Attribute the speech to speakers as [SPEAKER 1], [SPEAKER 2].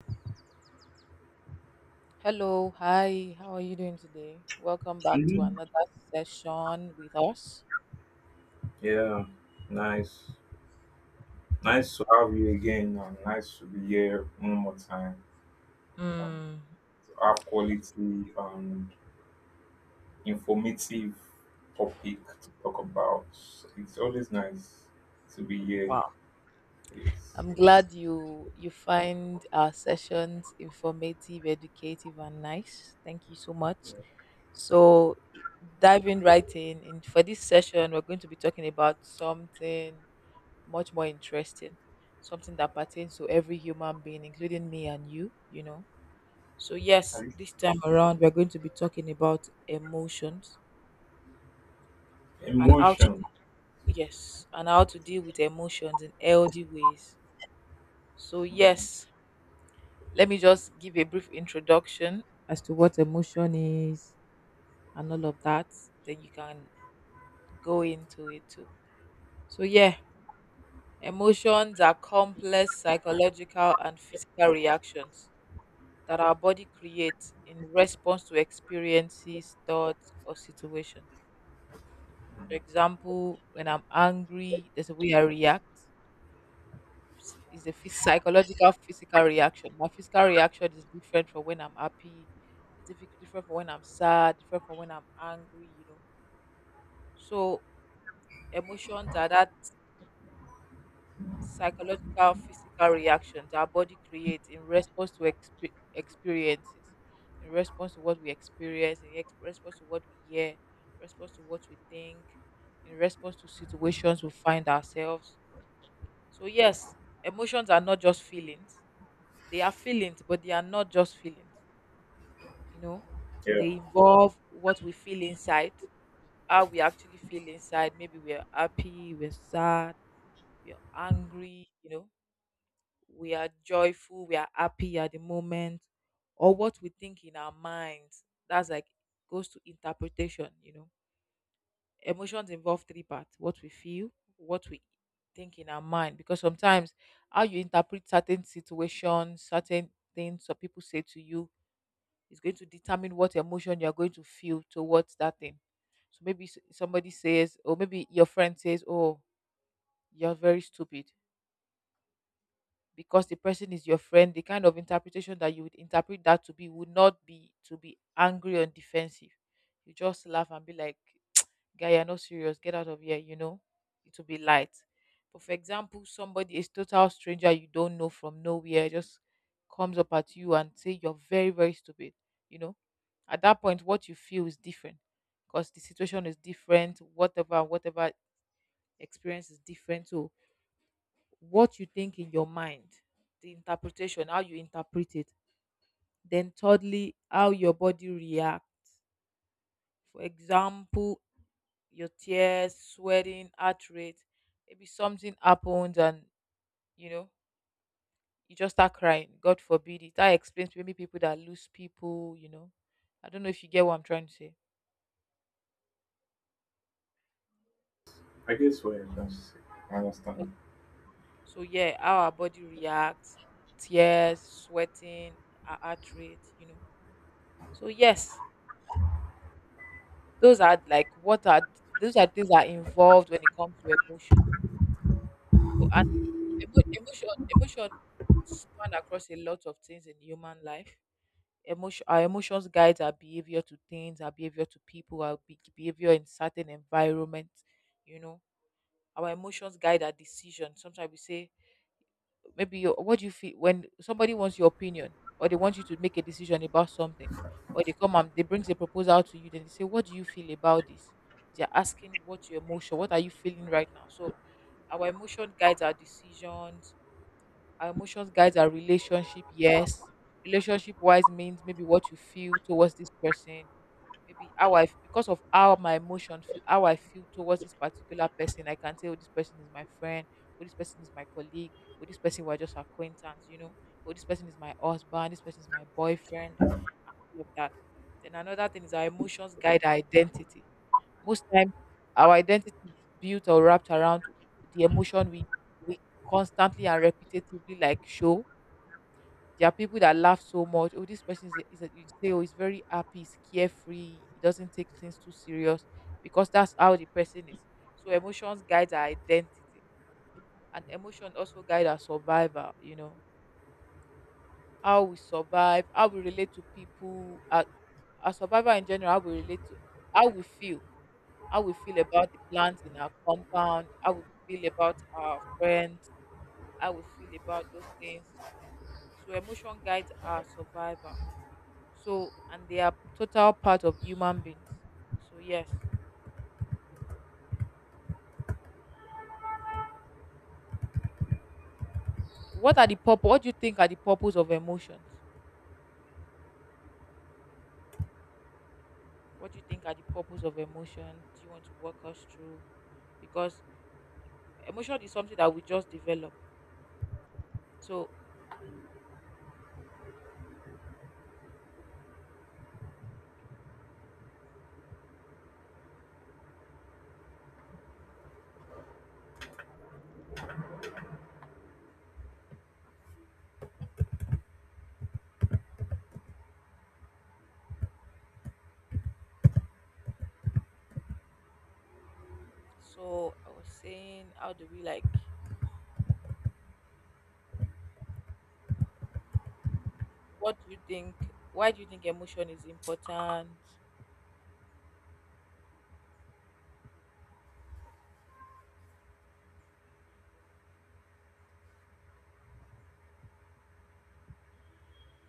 [SPEAKER 1] Hello, hi, how are you doing today? Welcome back to
[SPEAKER 2] Mhm.
[SPEAKER 1] another session with us.
[SPEAKER 2] Yeah, nice. Nice to have you again, and nice to be here one more time. Um,
[SPEAKER 1] Mm,
[SPEAKER 2] to have quality and informative topic to talk about. It's always nice to be here. Yes.
[SPEAKER 1] I'm glad you find our sessions informative, educative, and nice. Thank you so much. So diving right in for this session, we're going to be talking about something much more interesting, something that pertains to every human being, including me and you know. So yes,
[SPEAKER 2] And
[SPEAKER 1] this time around we're going to be talking about emotions and how to—
[SPEAKER 2] Emotion.
[SPEAKER 1] yes, and how to deal with emotions in healthy ways. So,
[SPEAKER 2] Mm,
[SPEAKER 1] yes, let me just give a brief introduction as to what emotion is and all of that. Then you can go into it too. So, yeah, emotions are complex psychological and physical reactions that our body creates in response to experiences, thoughts, or situations. For example, when I'm angry, there's a way I react. Is a psychological physical reaction. My physical reaction is different from when I'm happy. It's different from when I'm sad. Different from when I'm angry. You know, so emotions are that psychological physical reactions our body creates in response to experiences, in response to what we experience, in response to what we hear, response to what we think, in response to situations we find ourselves. So yes, emotions are not just feelings. They are feelings, but they are not just feelings. You know,
[SPEAKER 2] yeah,
[SPEAKER 1] they involve what we feel inside, how we actually feel inside. Maybe we are happy, we're sad, we're angry, you know, we are joyful, we are happy at the moment, or what we think in our minds. That's like goes to interpretation, you know. Emotions involve three parts: what we feel, what we think in our mind, because sometimes how you interpret certain situations, certain things some people say to you, it's going to determine what emotion you're going to feel towards that thing. So maybe somebody says, or maybe your friend says, "Oh, you're very stupid," because the person is your friend. The kind of interpretation that you would interpret that to be would not be to be angry and defensive. You just laugh and be like, guy, you're not serious, get out of here, you know, it will be light. But for example, somebody is total stranger, you don't know from nowhere, just comes up at you and say you're very very stupid, you know, at that point what you feel is different, because the situation is different, whatever whatever experience is different. So what you think in your mind, the interpretation, how you interpret it, then thirdly how your body reacts. For example, your tears, sweating, heart rate. Maybe something happens and, you know, you just start crying. God forbid it. That explains maybe people that lose people. You know, I don't know if you get what I'm trying to say.
[SPEAKER 2] I guess what you're trying to say. I understand.
[SPEAKER 1] So yeah, how our body reacts, tears, sweating, our heart rate. You know. So yes, those are like what are— those are things that are involved when it comes to emotion. So and emotion span across a lot of things in human life. Emotion, our emotions guides our behavior to things, our behavior to people, our behavior in certain environments. You know, our emotions guide our decisions. Sometimes we say, maybe you, what do you feel when somebody wants your opinion or they want you to make a decision about something, or they come and they brings a proposal to you, then they say, what do you feel about this? They're asking what your emotion, what are you feeling right now? So our emotion guides our decisions, our emotions guides our relationship, yes. Relationship wise means maybe what you feel towards this person, maybe how because of how my emotion feel, how I feel towards this particular person, I can say, oh, this person is my friend, oh this person is my colleague, oh this person we're just acquaintance, you know, oh this person is my husband, this person is my boyfriend, all of that. Then another thing is our emotions guide our identity. Most times our identity is built or wrapped around the emotion we constantly and repetitively like show. There are people that laugh so much. Oh, this person is a, you say, oh, he's very happy, he's carefree, he doesn't take things too serious because that's how the person is. So emotions guide our identity, and emotion also guide our survival. You know, how we survive, how we relate to people, our survival in general, how we relate to, how we feel, how we feel about the plants in our compound, how we feel about our friends, how we feel about those things. So emotion guides our survival. So, and they are total part of human beings. So, yes. What are the purpose? What do you think are the purpose of emotions? What do you think are the purpose of emotions? Do you want to walk us through? Because emotion is something that we just develop. So, so I was saying, how do we like? What do you think? Why do you think emotion is important?